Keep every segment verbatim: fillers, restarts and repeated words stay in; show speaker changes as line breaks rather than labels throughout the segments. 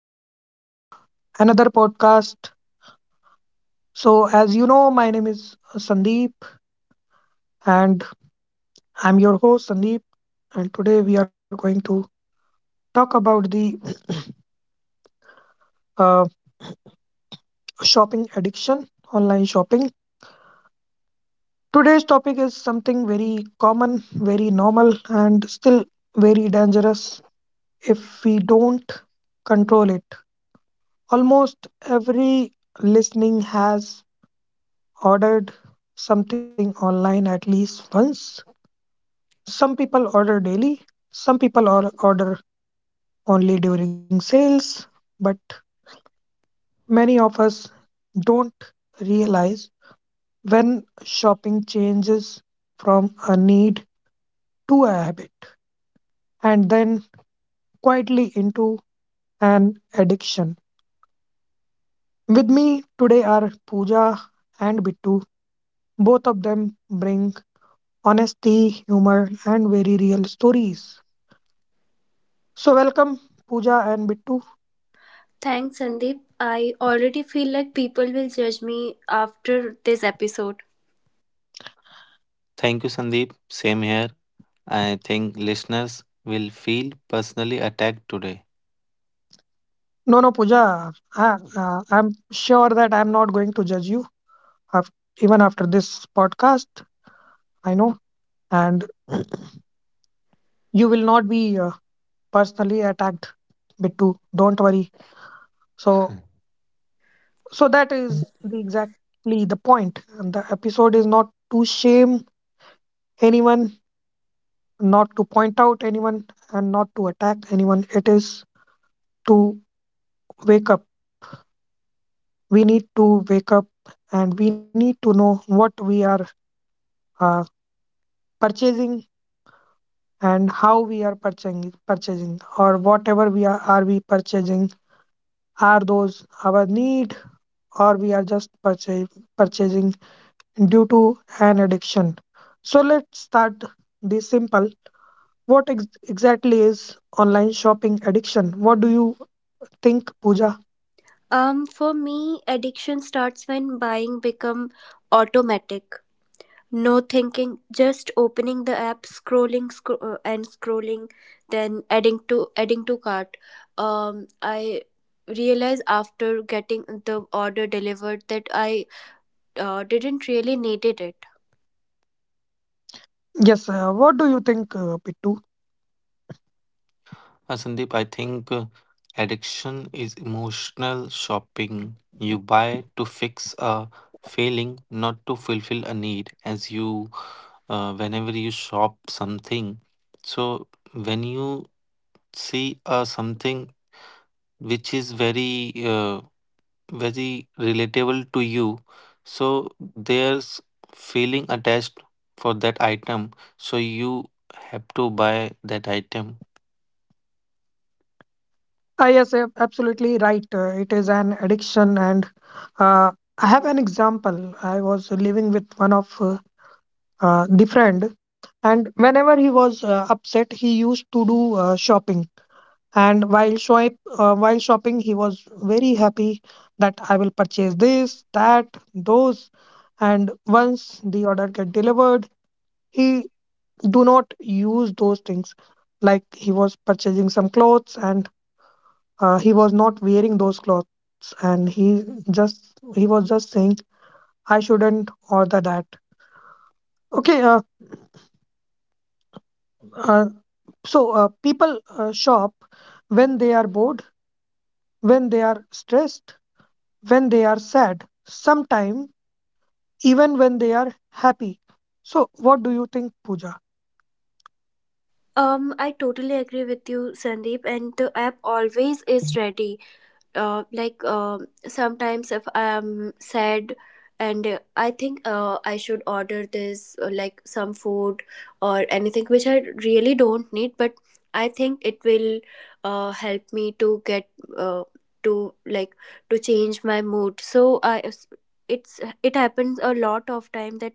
to the uh, another podcast. So, as you know, my name is Sandeep, and I'm your host Sandeep, and today we are going to talk about the uh, shopping addiction, online shopping. Today's topic is something very common, very normal, and still very dangerous if we don't control it. Almost every listening has ordered something online at least once. Some people order daily, some people or- order only during sales, but many of us don't realize when shopping changes from a need to a habit and then quietly into an addiction. With me today are Pooja and Bittu. Both of them bring honesty, humor, and very real stories. So, welcome, Pooja and Bittu.
Thanks, Sandeep. I already feel like people will judge me after this episode.
Thank you, Sandeep. Same here. I think listeners will feel personally attacked today.
No, no, Pooja. I, uh, I'm sure that I'm not going to judge you af even after this podcast. I know, and you will not be uh, personally attacked, Bittu. Don't worry. So, so that is the exactly the point. And the episode is not to shame anyone, not to point out anyone, and not to attack anyone. It is to wake up. We need to wake up, and we need to know what we are uh, purchasing and how we are purchasing purchasing or whatever we are are we purchasing. Are those our need, or we are just purchase, purchasing due to an addiction? So let's start this simple. What ex- exactly is online shopping addiction? What do you think, Puja?
Um, for me, addiction starts when buying become automatic. No thinking, just opening the app, scrolling scro- uh, and scrolling, then adding to adding to cart. Um, I realized after getting the order delivered that I uh, didn't really needed it.
Yes. Uh, what do you think, uh, Pittu?
Uh, Sandeep, I think uh, addiction is emotional shopping. You buy to fix a failing, not to fulfill a need. As you, uh, whenever you shop something, so when you see uh, something which is very uh, very relatable to you. So there's feeling attached for that item. So you have to buy that item.
Ah, yes, ab- absolutely right. Uh, it is an addiction, and uh, I have an example. I was living with one of uh, uh, the friend. And whenever he was uh, upset, he used to do uh, shopping. And while shop, uh, while shopping, he was very happy that I will purchase this, that, those. And once the order get delivered, he do not use those things. Like he was purchasing some clothes, and uh, he was not wearing those clothes, and he just he was just saying I shouldn't order that. Okay. uh, uh, so uh, People uh, shop when they are bored, when they are stressed, when they are sad, sometimes even when they are happy. So, what do you think, Pooja?
Um, I totally agree with you, Sandeep, and the app always is ready uh, like uh, sometimes if I'm sad and uh, I think uh, I should order this uh, like some food or anything which I really don't need, but I think it will uh, help me to get uh, to like to change my mood, so i s- it's it happens a lot of time that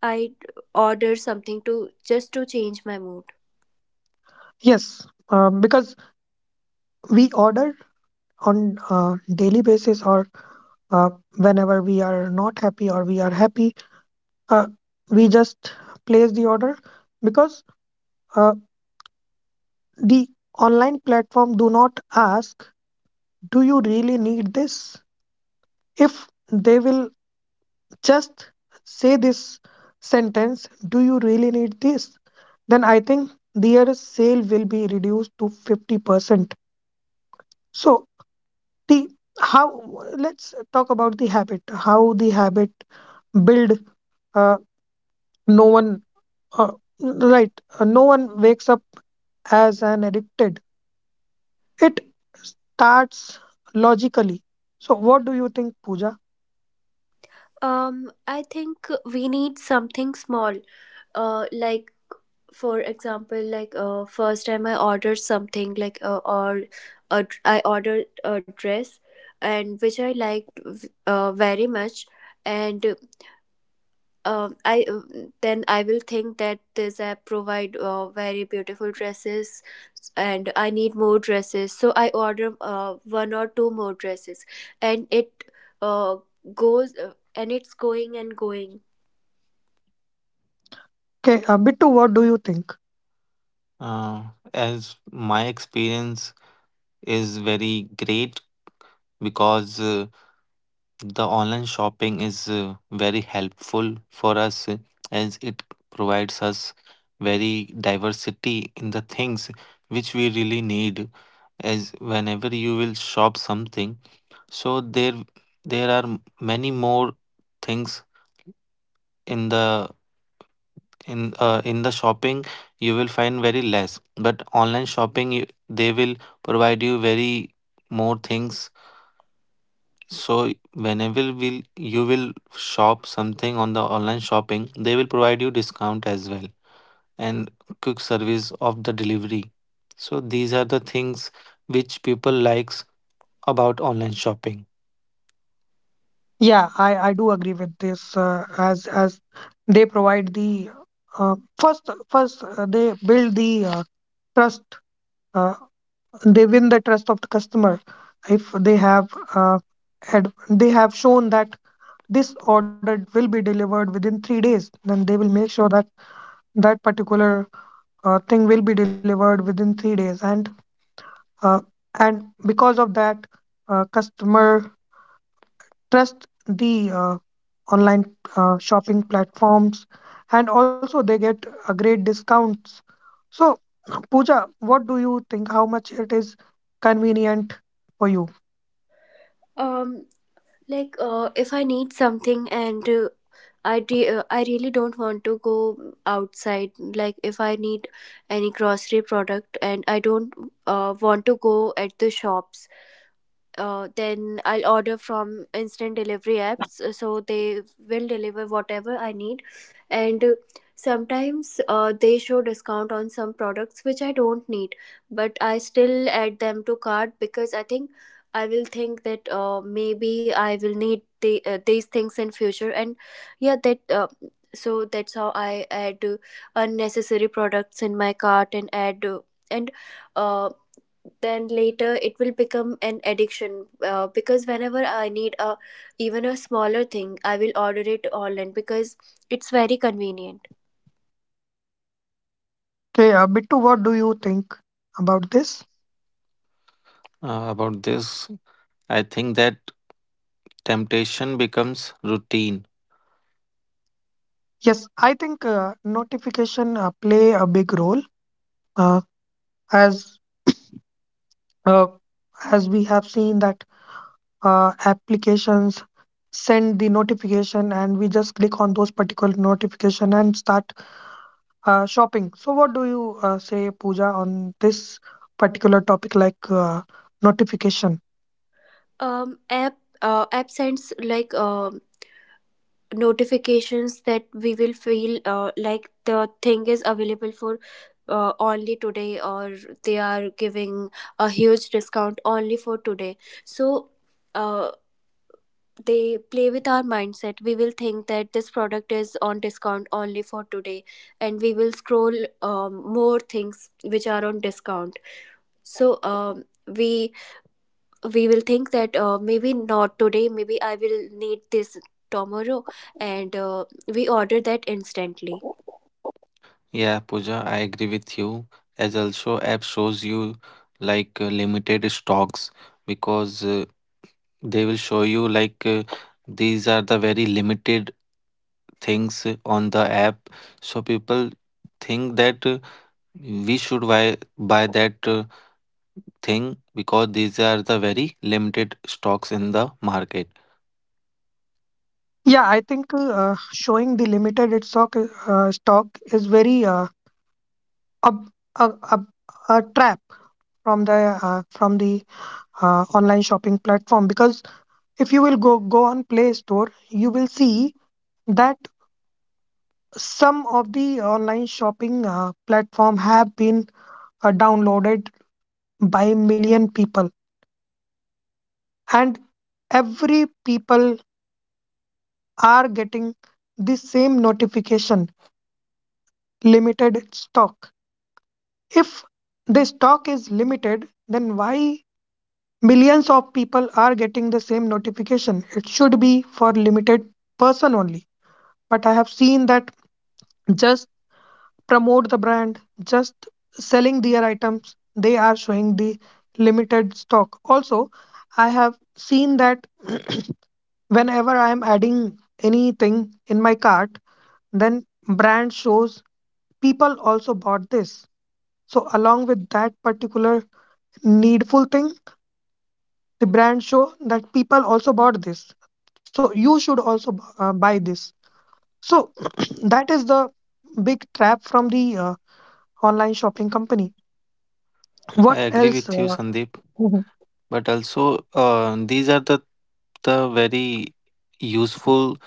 I order something to just to change my mood.
Yes, uh, because we order on uh, daily basis or uh, whenever we are not happy or we are happy, uh, we just place the order because uh, the online platform do not ask, do you really need this? If they will just say this sentence, do you really need this, then I think their sale will be reduced to fifty percent. So the how, let's talk about the habit. How the habit build? uh, no one, uh, right, uh, no one wakes up as an addicted. It starts logically. So what do you think, Pooja?
Um i think we need something small, uh like for example like uh, first time I ordered something like uh, or a dr- I ordered a dress, and which I liked v- uh, very much. And um I uh, then I will think that this app provide uh, very beautiful dresses, and I need more dresses, so I order uh, one or two more dresses, and it uh, goes uh, and it's going and going.
Okay. Uh, bittu, what do you think?
Uh, as my experience is very great because uh, the online shopping is uh, very helpful for us, uh, as it provides us very diversity in the things which we really need. As whenever you will shop something, So there there are m- many more things in the in uh, in the shopping you will find very less. But online shopping, you, they will provide you very more things. So whenever will you will shop something on the online shopping, they will provide you discount as well and quick service of the delivery. So these are the things which people likes about online shopping.
Yeah, I, I do agree with this, uh, as as they provide the uh, first first uh, they build the uh, trust. uh, they win the trust of the customer. If they have uh, had, they have shown that this order will be delivered within three days, then they will make sure that that particular uh, thing will be delivered within three days, and uh, and because of that uh, customer trust the uh, online uh, shopping platforms, and also they get uh, great discounts. So, Pooja, what do you think? How much it is convenient for you?
Um like uh, if I need something, and uh, i de- uh, I really don't want to go outside, like if I need any grocery product and I don't uh, want to go at the shops, uh, then I'll order from instant delivery apps, uh, so they will deliver whatever I need. And uh, sometimes uh, they show discount on some products which I don't need, but I still add them to cart because I think I will think that uh, maybe I will need the, uh, these things in future. And yeah, that uh, so that's how I add uh, unnecessary products in my cart and add uh, and. Uh, then later it will become an addiction uh, because whenever I need a even a smaller thing, I will order it online because it's very convenient.
Okay. Uh, bittu, what do you think about this?
Uh, about this, I think that temptation becomes routine.
Yes, I think uh, notification uh, play a big role, uh, as uh, as we have seen that uh, applications send the notification, and we just click on those particular notification and start Uh, shopping. So, what do you uh, say, Pooja, on this particular topic, like uh, notification?
Um app uh, app sends like um notifications that we will feel uh, like the thing is available for uh, only today, or they are giving a huge discount only for today. So uh, they play with our mindset. We will think that this product is on discount only for today, and we will scroll um, more things which are on discount. So um, we we will think that uh, maybe not today, maybe I will need this tomorrow, and uh, we order that instantly.
Yeah, Pooja, I agree with you. As also, app shows you like uh, limited stocks because uh, they will show you like, uh, these are the very limited things uh, on the app. So people think that uh, we should buy buy that uh, thing because these are the very limited stocks in the market.
Yeah, I think uh, showing the limited its stock uh, stock is very uh, up, a, a, a trap from the uh, from the uh, online shopping platform, because if you will go go on Play Store, you will see that some of the online shopping uh, platform have been uh, downloaded by million people. And every people are getting the same notification, limited stock. If the stock is limited, then why millions of people are getting the same notification? It should be for limited person only. But I have seen that just promote the brand, just selling their items, they are showing the limited stock also. I have seen that whenever I am adding anything in my cart, then brand shows people also bought this. So along with that particular needful thing, the brand show that people also bought this. So you should also bu- uh, buy this. So that is the big trap from the uh, online shopping company.
I
What
agree
else?
with you,
Uh,
Sandeep.
mhm.
But also, uh, these are the the very useful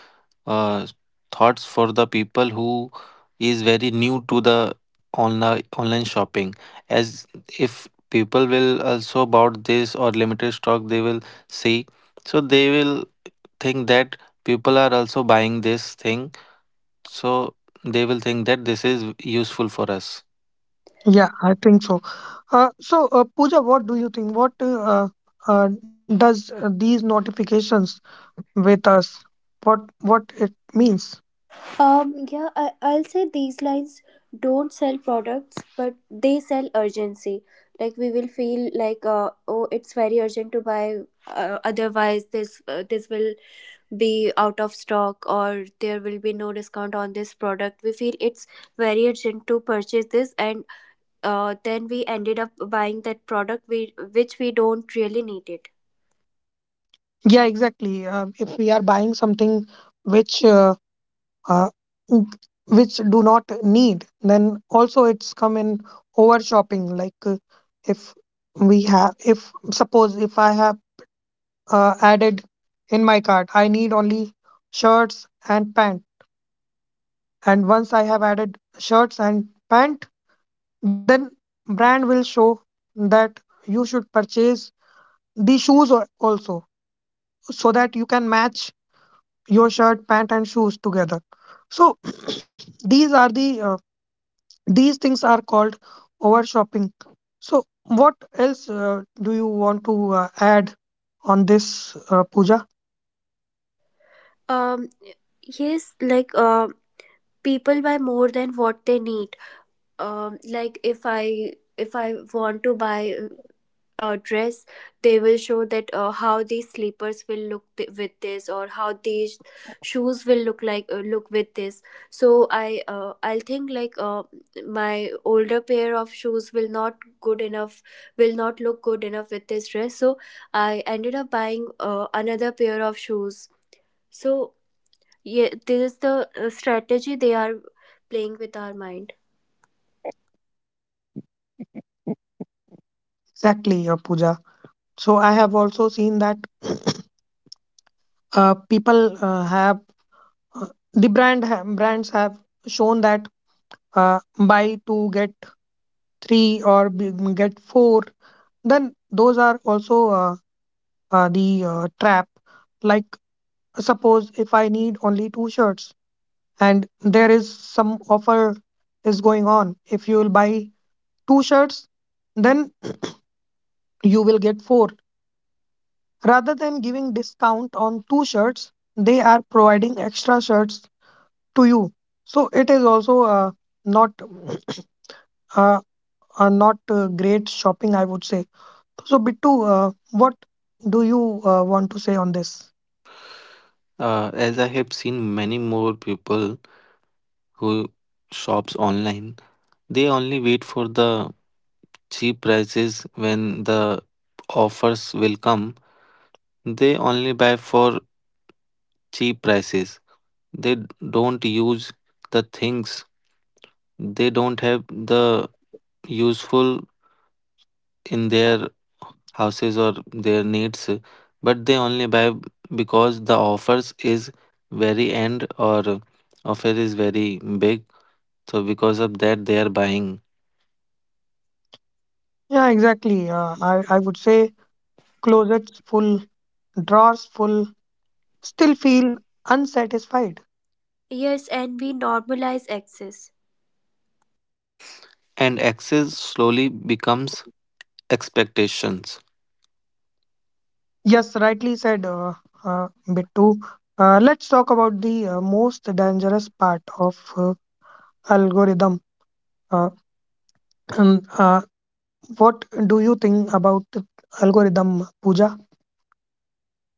uh, thoughts for the people who is very new to the online online shopping. As if people will also about this or limited stock, they will see, so they will think that people are also buying this thing, so they will think that this is useful for us.
Yeah, I think so. Uh, so, uh, Pooja, what do you think? What uh, uh, does uh, these notifications with us, what what it means?
Um, yeah, I, I'll say these lines don't sell products, but they sell urgency. Like we will feel like, uh, oh, it's very urgent to buy. Uh, otherwise, this uh, this will be out of stock, or there will be no discount on this product. We feel it's very urgent to purchase this, and uh, then we ended up buying that product we which we don't really need it.
Yeah, exactly. Uh, if we are buying something which uh, uh, n- which do not need, then also it's come in over shopping. like uh, if we have if suppose if I have uh, added in my cart, I need only shirts and pant, and once I have added shirts and pant, then brand will show that you should purchase the shoes al- also, so that you can match your shirt, pant, and shoes together. So these are the uh, these things are called over shopping. So what else uh, do you want to uh, add on this, uh, Pooja?
Um, yes, like uh, people buy more than what they need. Um like if i if I want to buy a dress, they will show that uh, how these slippers will look th- with this, or how these shoes will look like uh, look with this. So i uh, I'll think like uh, my older pair of shoes will not good enough, will not look good enough with this dress, so I ended up buying uh, another pair of shoes. So yeah, this is the uh, strategy they are playing with our mind.
Exactly, uh, Pooja. So I have also seen that uh, people uh, have uh, the brand ha- brands have shown that uh, buy two get three or b- get four. Then those are also uh, uh, the uh, trap. Like, suppose if I need only two shirts, and there is some offer is going on. If you will buy two shirts, then you will get four. Rather than giving discount on two shirts, they are providing extra shirts to you. So it is also uh, not uh, uh, not uh, great shopping, I would say. So, Bittu, uh, what do you uh, want to say on this?
Uh, as I have seen many more people who shops online, they only wait for the cheap prices when the offers will come. They only buy for cheap prices. They d- don't use the things. They don't have the useful in their houses or their needs, but they only buy because the offers is very end or offer is very big. So because of that they are buying.
Yeah, exactly. Uh, I, I would say closets full, drawers full, still feel unsatisfied.
Yes, and we normalize access.
And access slowly becomes expectations.
Yes, rightly said, uh, uh, Bittu. Uh, let's talk about the uh, most dangerous part of uh, algorithm. Uh, um, uh, what do you think about algorithm, Pooja?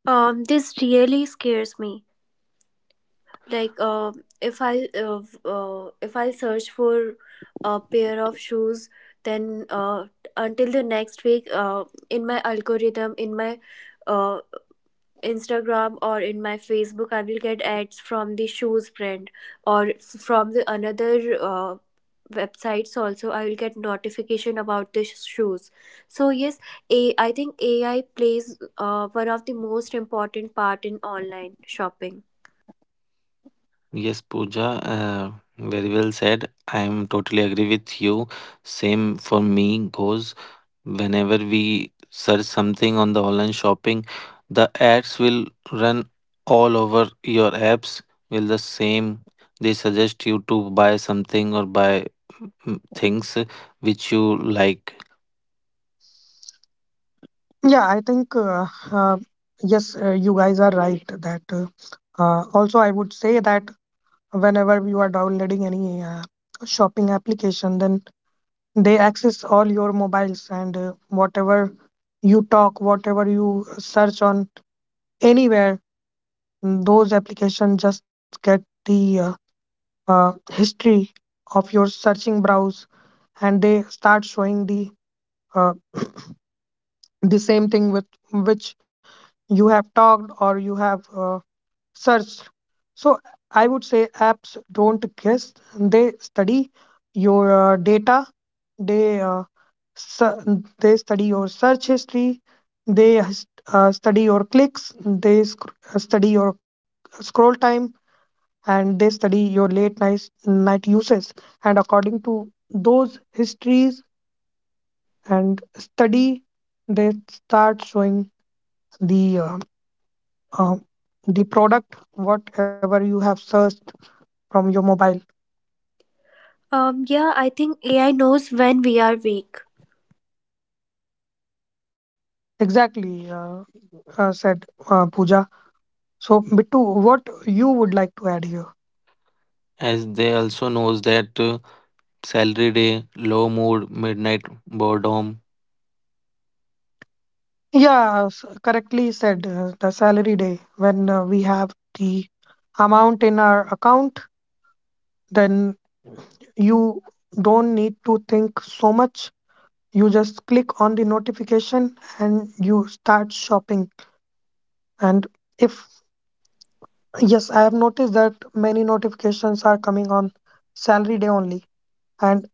Um, this really scares me. Like, um, if I uh, v- uh, if I search for a pair of shoes, then uh, until the next week, uh, in my algorithm, in my uh, Instagram or in my Facebook, I will get ads from the shoes brand, or f- from the another uh, websites. Also I will get notification about the sh- shoes. So yes, a I think AI plays uh, one of the most important part in online shopping.
Yes, Pooja, uh, very well said. I am totally agree with you. Same for me goes. Whenever we search something on the online shopping, the ads will run all over your apps. Will the same, they suggest you to buy something or buy, mm, things which you like.
Yeah, I think uh, uh, yes, uh, you guys are right that. Uh, uh, also, I would say that whenever you are downloading any uh, shopping application, then they access all your mobiles, and uh, whatever you talk, whatever you search on anywhere, mm, those applications just get the uh, uh, history of your searching browse, and they start showing the uh, the same thing with which you have talked or you have uh, searched. So I would say apps don't guess, they study your uh, data. They uh, su- they study your search history. They uh, study your clicks. They sc- study your scroll time, and they study your late night night uses. And according to those histories and study, they start showing the uh, uh, the product whatever you have searched from your mobile.
Um yeah, I think AI knows when we are weak.
Exactly, uh, uh, said, uh, Pooja. So, Bittu, what you would like to add here?
As they also knows that, uh, salary day, low mood, midnight boredom.
Yeah, s- correctly said. uh, The salary day, when uh, we have the amount in our account, then you don't need to think so much. You just click on the notification and you start shopping. And if, Yes, I have noticed that many notifications are coming on salary day only, and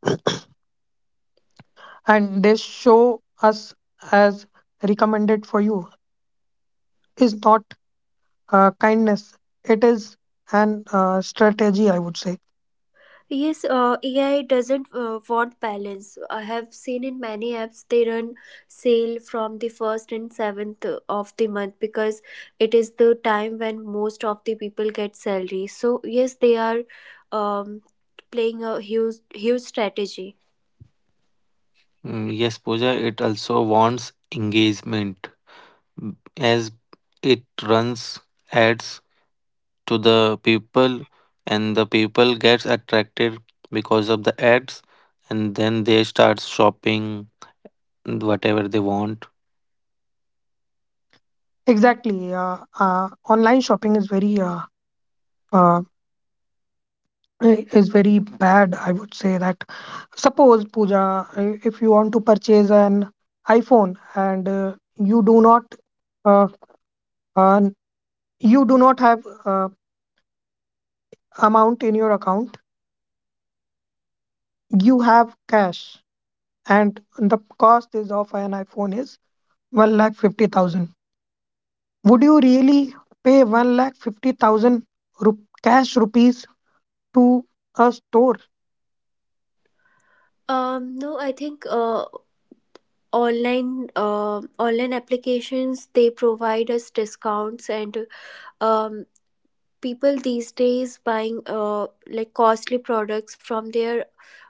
and they show us as recommended for you is not uh, kindness. It is an uh, strategy, I would say.
Yes, uh, A I doesn't uh, want balance. I have seen in many apps they run sale from the first and seventh of the month because it is the time when most of the people get salary. So yes, they are um, playing a huge huge strategy.
Mm, yes, Pooja, it also wants engagement. As it runs ads to the people and the people gets attracted because of the ads, and then they start shopping whatever they want.
Exactly. Uh, uh, online shopping is very uh, uh, i- is very bad. I would say that. Suppose, Pooja, i- if you want to purchase an iPhone, and uh, you do not uh, uh, you do not have uh, amount in your account, you have cash, and the cost is of an iPhone is one lakh fifty thousand. Would you really pay one lakh fifty thousand rup- cash rupees to a store?
Um, no, I think uh, online uh, online applications they provide us discounts, and um, people these days buying uh, like costly products from their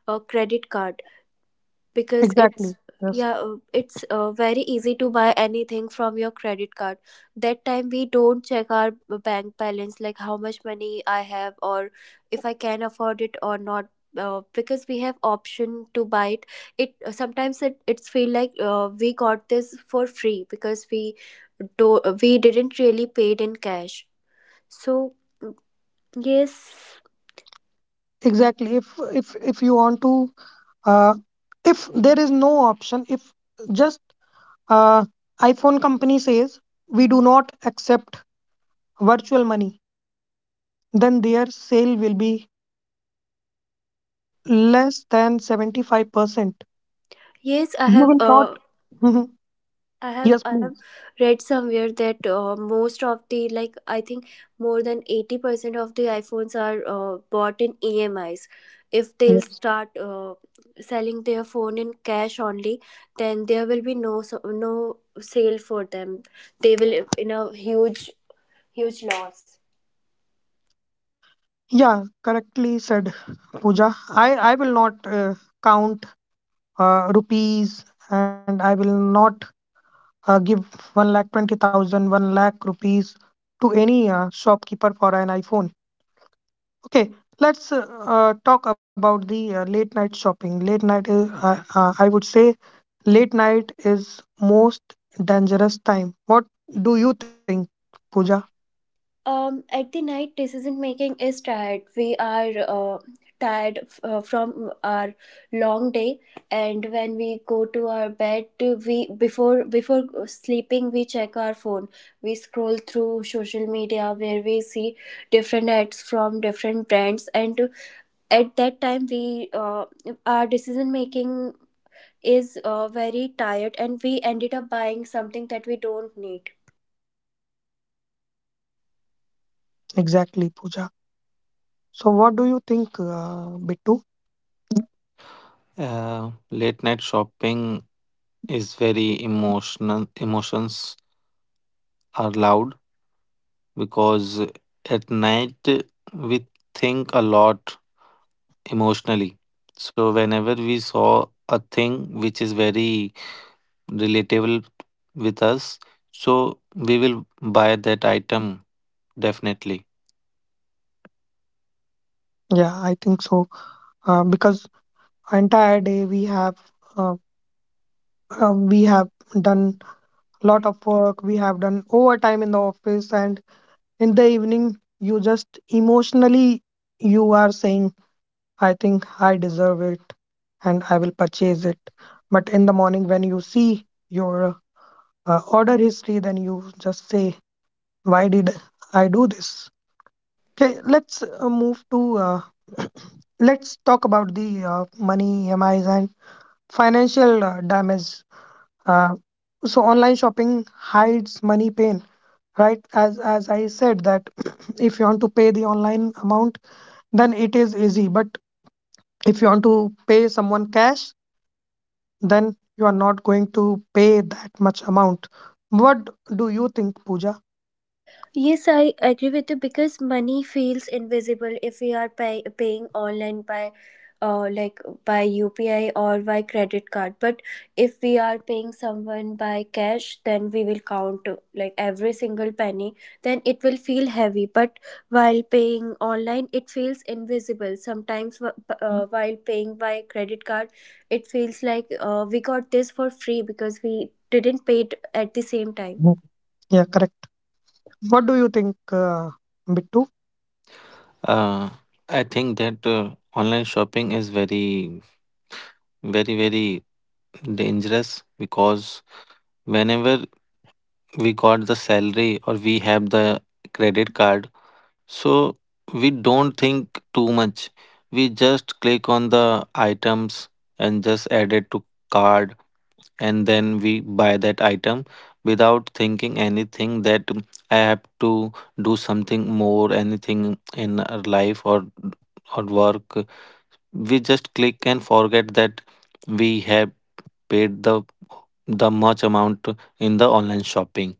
uh, credit card because
Exactly.
it's
Yes.
yeah, uh, it's uh, very easy to buy anything from your credit card. That time we don't check our b- bank balance, like how much money I have or if I can afford it or not, uh, because we have option to buy it. It uh, sometimes it it's feel like uh, we got this for free because we do we didn't really paid in cash. So yes,
Exactly. If if if you want to, uh, if there is no option, if just uh, iPhone company says we do not accept virtual money, then their sale will be less than seventy-five percent.
yes, I
You
have.
will not.
Uh,
Mhm.
I have.
Yes,
I have
please.
read somewhere that uh, most of the, like I think, more than eighty percent of the iPhones are uh, bought in E M Is. If they'll
Yes.
start uh, selling their phone in cash only, then there will be no so, no sale for them. They will in a huge huge loss.
Yeah, correctly said, Pooja. I I will not uh, count uh, rupees, and I will not uh, give one lakh twenty thousand, one lakh rupees to any uh, shopkeeper for an iPhone. Okay, let's uh, uh, talk about the uh, late night shopping. Late night is, uh, uh, I would say, late night is most dangerous time. What do you think, Pooja?
Um at the night, decision making is tired. We are uh, tired f- uh, from our long day, and when we go to our bed, we before before sleeping we check our phone. We scroll through social media, where we see different ads from different brands, and at that time we uh, our decision making is uh, very tired, and we ended up buying something that we don't need.
Exactly, Pooja. So, what do you think, uh, Bittu?
Uh, late night shopping is very emotional. Emotions are loud because at night we think a lot emotionally. So whenever we saw a thing which is very relatable with us, so we will buy that item definitely.
Yeah, I think so. Uh, because entire day we have uh, uh, we have done lot of work. We have done overtime in the office, and in the evening you just emotionally you are saying I think I deserve it and I will purchase it. But in the morning when you see your uh, order history, then you just say, why did I do this? Okay, let's uh, move to uh, let's talk about the uh, money, E M Is and financial uh, damage. uh, so online shopping hides money pain, right? As as I said that, if you want to pay the online amount, then it is easy. But if you want to pay someone cash, then you are not going to pay that much amount. What do you think, Pooja?
Yes, I agree with you because money feels invisible if we are pay, paying online by uh, like by U P I or by credit card. But if we are paying someone by cash, then we will count uh, like every single penny. Then it will feel heavy. But while paying online, it feels invisible. Sometimes wh- uh, while paying by credit card, it feels like uh, we got this for free because we didn't pay it at the same time.
Mm. Yeah, correct. What do you think, uh, Bittu?
Uh, i think that uh, online shopping is very very very dangerous because whenever we got the salary or we have the credit card, so we don't think too much, we just click on the items and just add it to card, and then we buy that item without thinking anything that, mm, I have to do something more, anything in our life or or work. We just click and forget that we have paid the the much amount in the online shopping.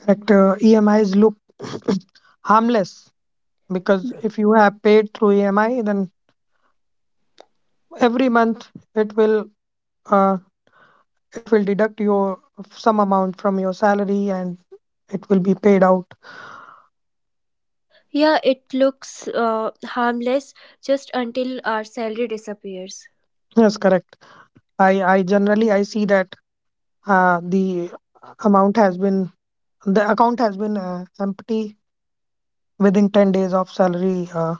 Correct. Uh, E M is look harmless, because if you have paid through E M I, then every month it will uh, it will deduct your some amount from your salary and it will be paid out.
Yeah, it looks uh, harmless just until our salary disappears.
Yes, correct. I I generally I see that uh, the amount has been the account has been uh, empty within ten days of salary uh,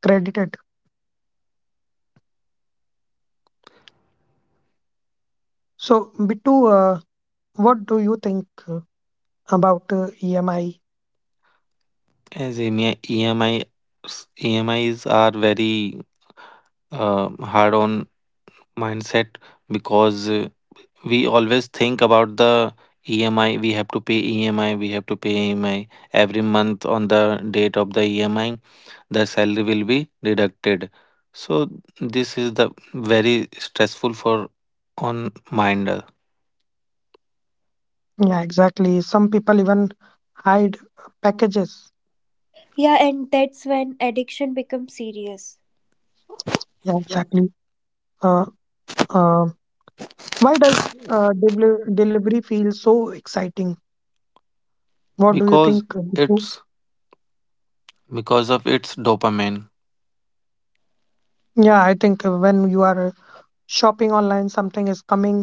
credited. So bitu, uh, what do you think uh, about uh, E M I?
As E M I, E M I E M Is are very uh, hard on mindset because uh, we always think about the E M I. We have to pay E M I. We have to pay E M I every month on the date of the E M I. The salary will be deducted. So this is the very stressful for on mind uh,
Yeah, exactly. Some people even hide packages.
Yeah, and that's when addiction becomes serious.
Yeah, exactly. uh, uh, why does uh, deli- delivery feel so exciting? What do you
because
think, uh, Bitu?
it's because of its dopamine.
Yeah, I think uh, when you are uh, shopping online, something is coming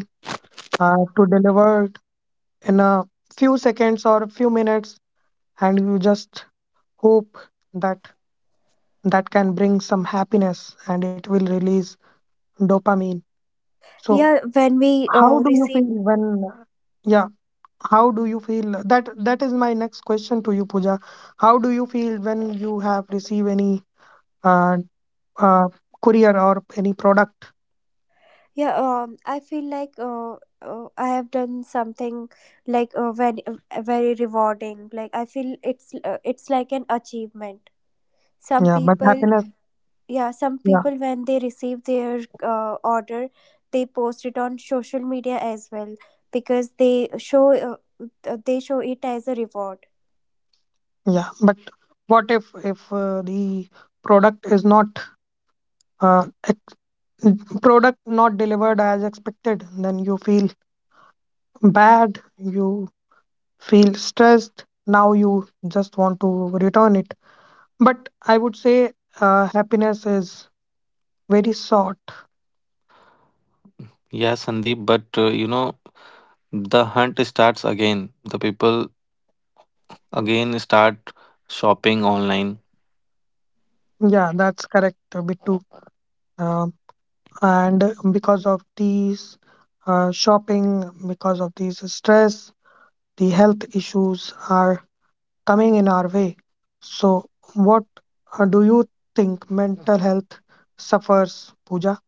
uh, to deliver in a few seconds or a few minutes, and you just hope that that can bring some happiness and it will release dopamine. So
Yeah, when we
how
uh,
do you
receive.
feel when, yeah, how do you feel? That that is my next question to you, Pooja. How do you feel when you have received any uh, uh, courier or any product?
Yeah, um, I feel like uh, uh, I have done something like uh, very, very rewarding. Like I feel it's uh, it's like an achievement. Some
Yeah, but
people,
happiness.
yeah, some
Yeah.
people when they receive their uh, order, they post it on social media as well because they show uh, uh, they show it as a reward.
Yeah, but what if if uh, the product is not uh, product not delivered as expected, then you feel bad, you feel stressed. Now you just want to return it. But I would say uh, happiness is very short.
Yeah, Sandeep. But uh, you know, the hunt starts again. The people again start shopping online.
Yeah, that's correct, Bittu. Um, and because of these uh, shopping, because of these stress, the health issues are coming in our way. So, what uh, do you think mental health suffers, Pooja?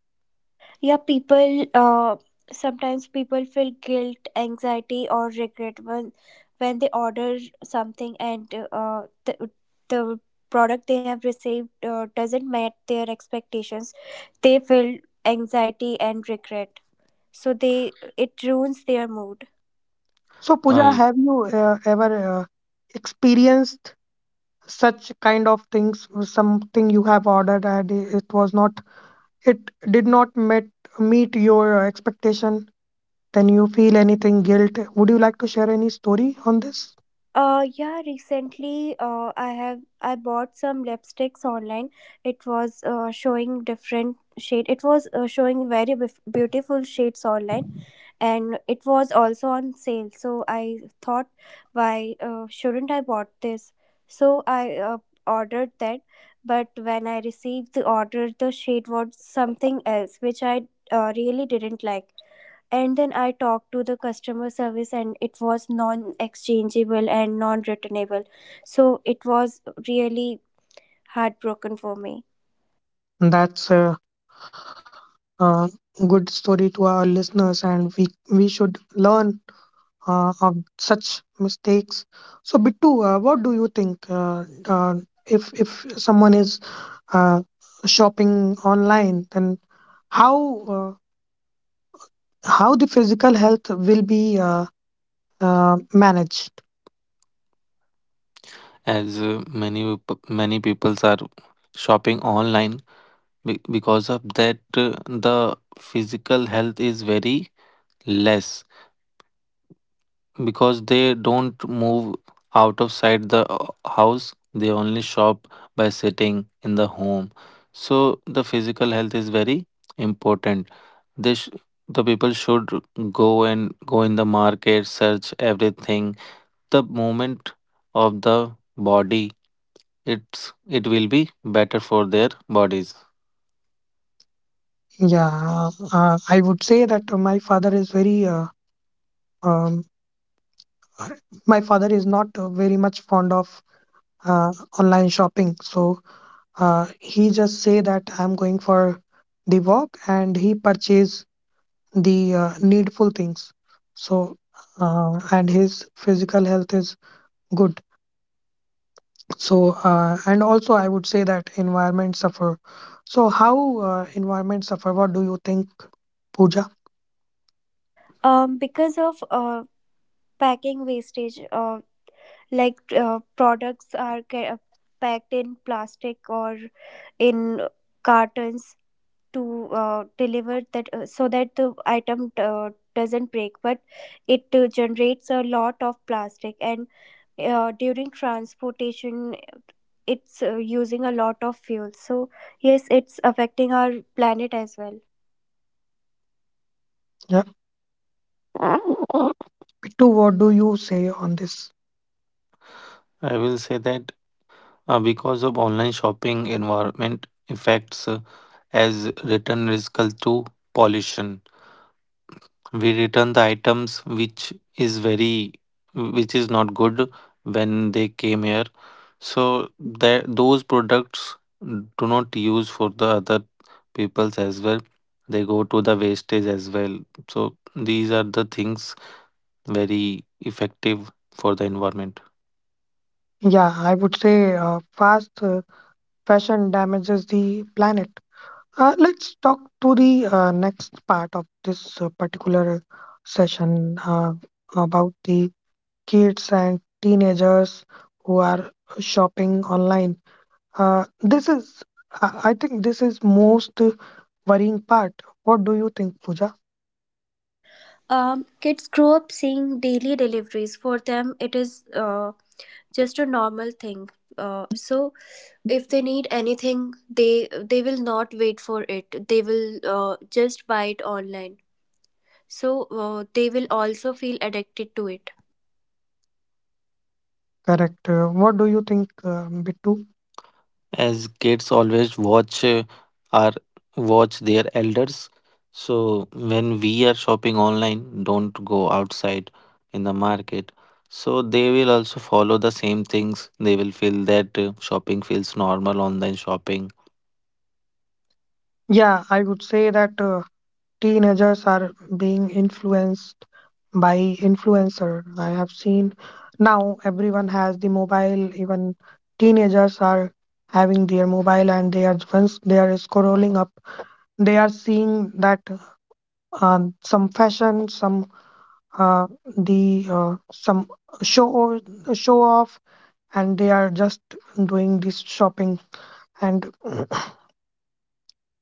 Yeah, people, uh, sometimes people feel guilt, anxiety, or regret when when they order something and uh, the, the product they have received uh, doesn't meet their expectations. They feel anxiety and regret, so they it ruins their mood.
So, Pooja,
I.
have you uh, ever uh, experienced such kind of things? Something you have ordered and i- it was not, it did not met, meet your uh, expectation. Then you feel anything guilt. Would you like to share any story on this?
Uh, yeah, recently uh I have I bought some lipsticks online. It was uh, showing different shade. It was uh, showing very bef- beautiful shades online, and it was also on sale. So I thought, why uh, shouldn't I bought this? So I uh, ordered that, but when I received the order, the shade was something else which I uh, really didn't like. And then I talked to the customer service, and it was non exchangeable and non returnable. So it was really heartbroken for me.
That's a, uh, good story to our listeners, and we we should learn uh, of such mistakes. So, Bittu, uh, what do you think? Uh, uh, if if someone is uh, shopping online, then how uh, how the physical health will be uh, uh, managed?
As uh, many peop- many people are shopping online, Be- because of that uh, the physical health is very less because they don't move out of side the, uh, house, they only shop by sitting in the home. So the physical health is very important. they sh- the people should go and go in the market, search everything. The movement of the body, it's it will be better for their bodies.
Yeah, uh, I would say that my father is very uh, um, my father is not uh, very much fond of uh, online shopping. So uh, he just say that I'm going for the walk and he purchase the uh, needful things. So uh, and his physical health is good. So, uh, and also I would say that environment suffer. So, how uh, environment suffer? What do you think, Pooja?
Um because of uh, packing wastage, uh, like uh, products are ca- packed in plastic or in cartons to uh, deliver that, uh, so that the item uh, doesn't break. But it uh, generates a lot of plastic, and uh, during transportation it's uh, using a lot of fuel. So yes, it's affecting our planet as well.
Yeah, Pittu, what do you say on this?
I will say that uh, because of online shopping environment effects, uh, as return risk to pollution. We return the items which is very, which is not good when they came here, so that those products do not use for the other peoples as well. They go to the wastage as well. So these are the things very effective for the environment.
Yeah, I would say uh, fast uh, fashion damages the planet. Uh, let's talk to the uh, next part of this uh, particular session, uh, about the kids and teenagers who are shopping online. Uh, this is, I I think, this is most worrying part. What do you think, Pooja?
Um, kids grow up seeing daily deliveries. For them it is uh, just a normal thing. Uh, so if they need anything, they they will not wait for it. They will uh, just buy it online. So uh, they will also feel addicted to it.
Correct. Uh, what do you think, uh, Bittu?
As kids always watch uh, our watch their elders, so when we are shopping online, don't go outside in the market, so they will also follow the same things. They will feel that uh, shopping feels normal, online shopping.
Yeah, I would say that uh, teenagers are being influenced by influencer. I have seen now everyone has the mobile, even teenagers are having their mobile, and they are, once they are scrolling up, they are seeing that uh, some fashion, some uh, the uh, some show show off, and they are just doing this shopping, and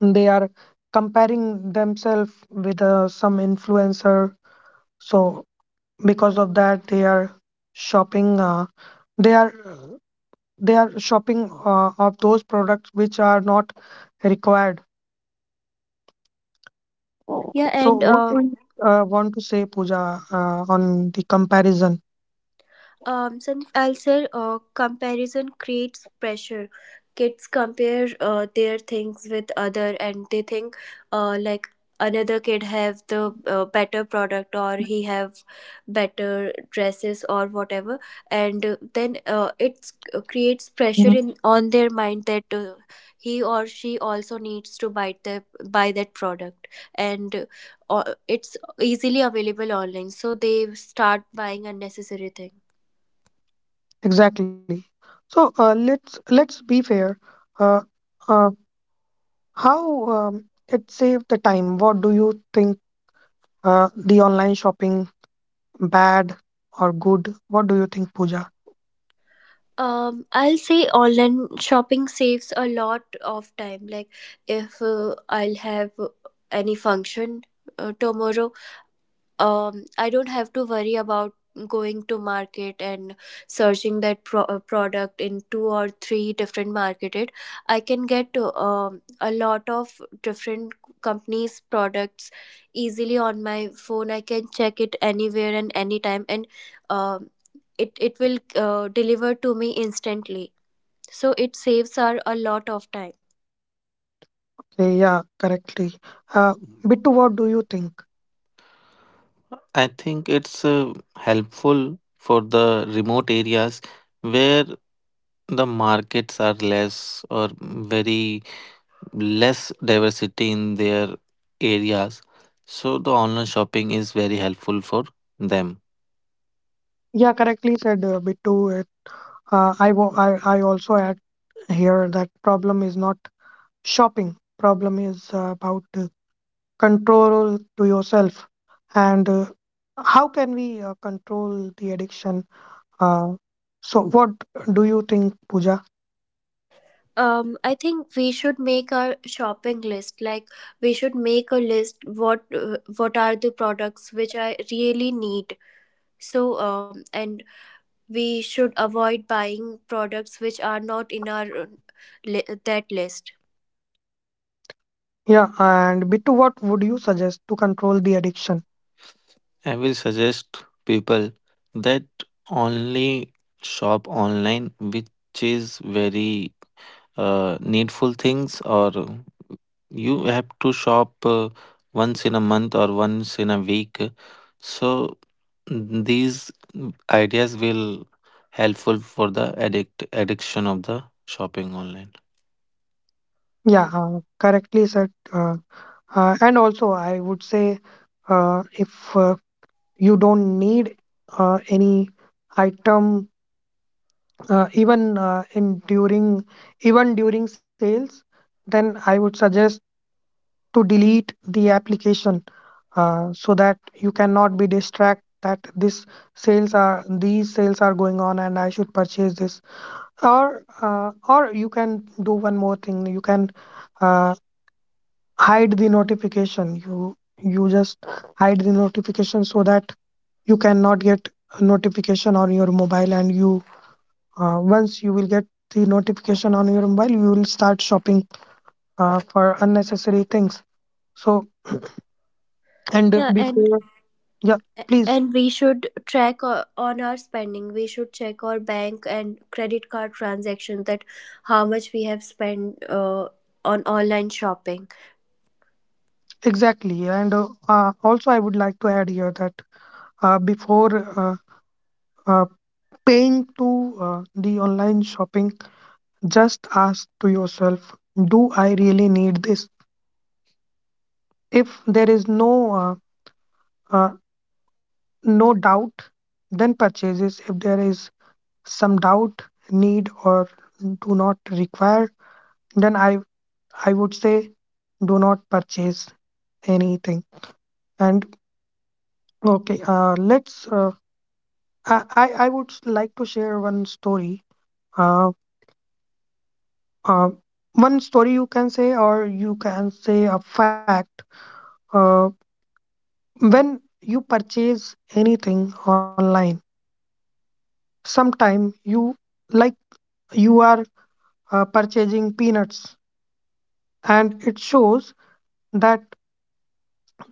they are comparing themselves with uh, some influencer. So because of that they are shopping uh, they are they are shopping uh, of those products which are not required.
Yeah,
So
and
what
uh,
do you uh, want to say, pooja, uh, on the comparison?
um some, I'll say, uh, comparison creates pressure. Kids compare uh, their things with other, and they think uh, like another kid have the uh, better product, or he have better dresses or whatever. And uh, then uh, it uh, creates pressure
Mhm.
in on their mind that uh, he or she also needs to buy the buy that product. And uh, it's easily available online, so they start buying unnecessary things.
Exactly. So uh, let's let's be fair. uh, uh, How, um, it saved the time? What do you think uh, the online shopping bad or good? What do you think, Pooja?
Um, I'll say online shopping saves a lot of time. Like if uh, I'll have any function uh, tomorrow, um I don't have to worry about going to market and searching that pro- uh, product in two or three different marketed. I can get um, a lot of different companies products easily on my phone. I can check it anywhere and anytime, and um, it it will uh, deliver to me instantly, so it saves our a lot of time.
Okay, yeah, correctly. Uh, Bittu, what do you think?
I think it's uh, helpful for the remote areas where the markets are less or very less diversity in their areas, so the online shopping is very helpful for them.
Yeah, correctly said, uh, Bittu. Uh, I, wa- I, I also add here that problem is not shopping. Problem is uh, about uh, control to yourself, and uh, how can we uh, control the addiction? Uh, so what do you think, Pooja?
um I think we should make our shopping list. Like we should make a list what, uh, what are the products which I really need. So um and we should avoid buying products which are not in our uh, li- that list.
Yeah, and Bittu, what would you suggest to control the addiction?
I will suggest people that only shop online, which is very uh, needful things, or you have to shop uh, once in a month or once in a week. So these ideas will helpful for the addict addiction of the shopping online.
Yeah, uh, correctly said. Uh, uh, and also, I would say uh, if uh, you don't need uh, any item, uh, even uh, in during even during sales, then I would suggest to delete the application, uh, so that you cannot be distracted that this sales are these sales are going on and I should purchase this. Or uh, or you can do one more thing. You can uh, hide the notification. you you just hide the notification, so that you cannot get a notification on your mobile. And you uh, once you will get the notification on your mobile, you will start shopping uh, for unnecessary things. So and uh,
Yeah, and
before, yeah, please.
and we should track o- on our spending. We should check our bank and credit card transactions that how much we have spent uh, on online shopping.
Exactly. And uh, uh, also, I would like to add here that uh, before uh, uh, paying to uh, the online shopping, just ask to yourself, do I really need this? If there is no uh, uh, no doubt, then purchases. If there is some doubt, need or do not require, then I I would say do not purchase anything. And okay, uh, let's, uh, I, I I would s- like to share one story. Uh, uh, One story you can say, or you can say a fact. Uh, when you purchase anything online, sometime you like you are uh, purchasing peanuts, and it shows that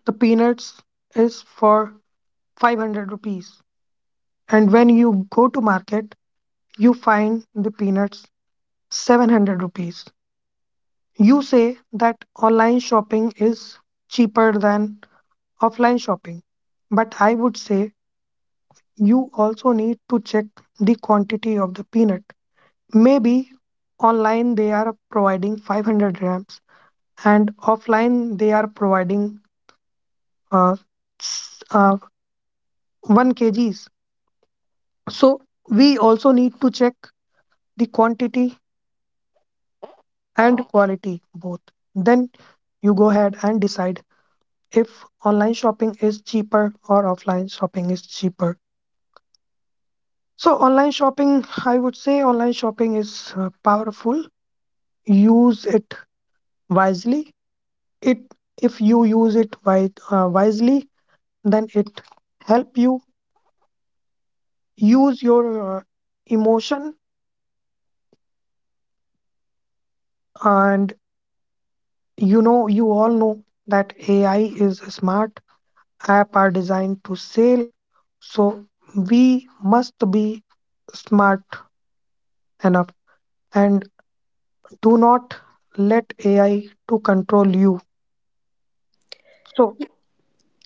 the peanuts is for five hundred rupees, and when you go to market, you find the peanuts seven hundred rupees. You say that online shopping is cheaper than offline shopping, but I would say you also need to check the quantity of the peanut. Maybe online they are providing five hundred grams and offline they are providing uh, s- uh, one kgs. So we also need to check the quantity and quality both. Then you go ahead and decide if online shopping is cheaper or offline shopping is cheaper. So, online shopping, I would say online shopping is uh, powerful. Use it wisely. It, if you use it wi- uh, wisely, then it help you use your uh, emotion. And you know, you all know that A I is smart. App are designed to sell. So we must be smart enough and do not let A I to control you. So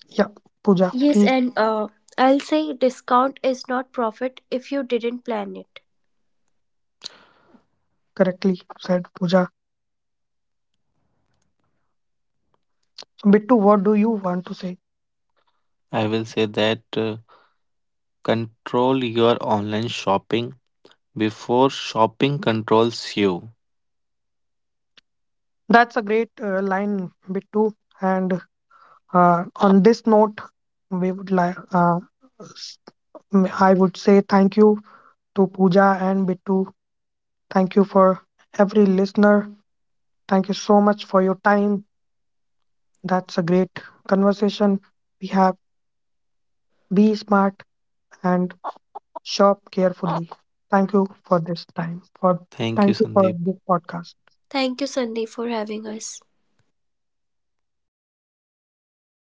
yeah, Pooja,
Yes,
please.
and uh, I'll say discount is not profit if you didn't plan it.
Correctly said, Pooja. So Bittu, what do you want to say?
I will say that, uh, control your online shopping before shopping controls you.
That's a great uh, line, Bittu. And uh, on this note, we would like uh, s- I would say thank you to Pooja and Bittu. Thank you for every listener. Thank you so much for your time. That's a great conversation we have. Be smart and shop carefully. Thank you for this time. For
Thank you,
thank you for
Sandeep.
this podcast.
Thank you, Sandeep, for having us.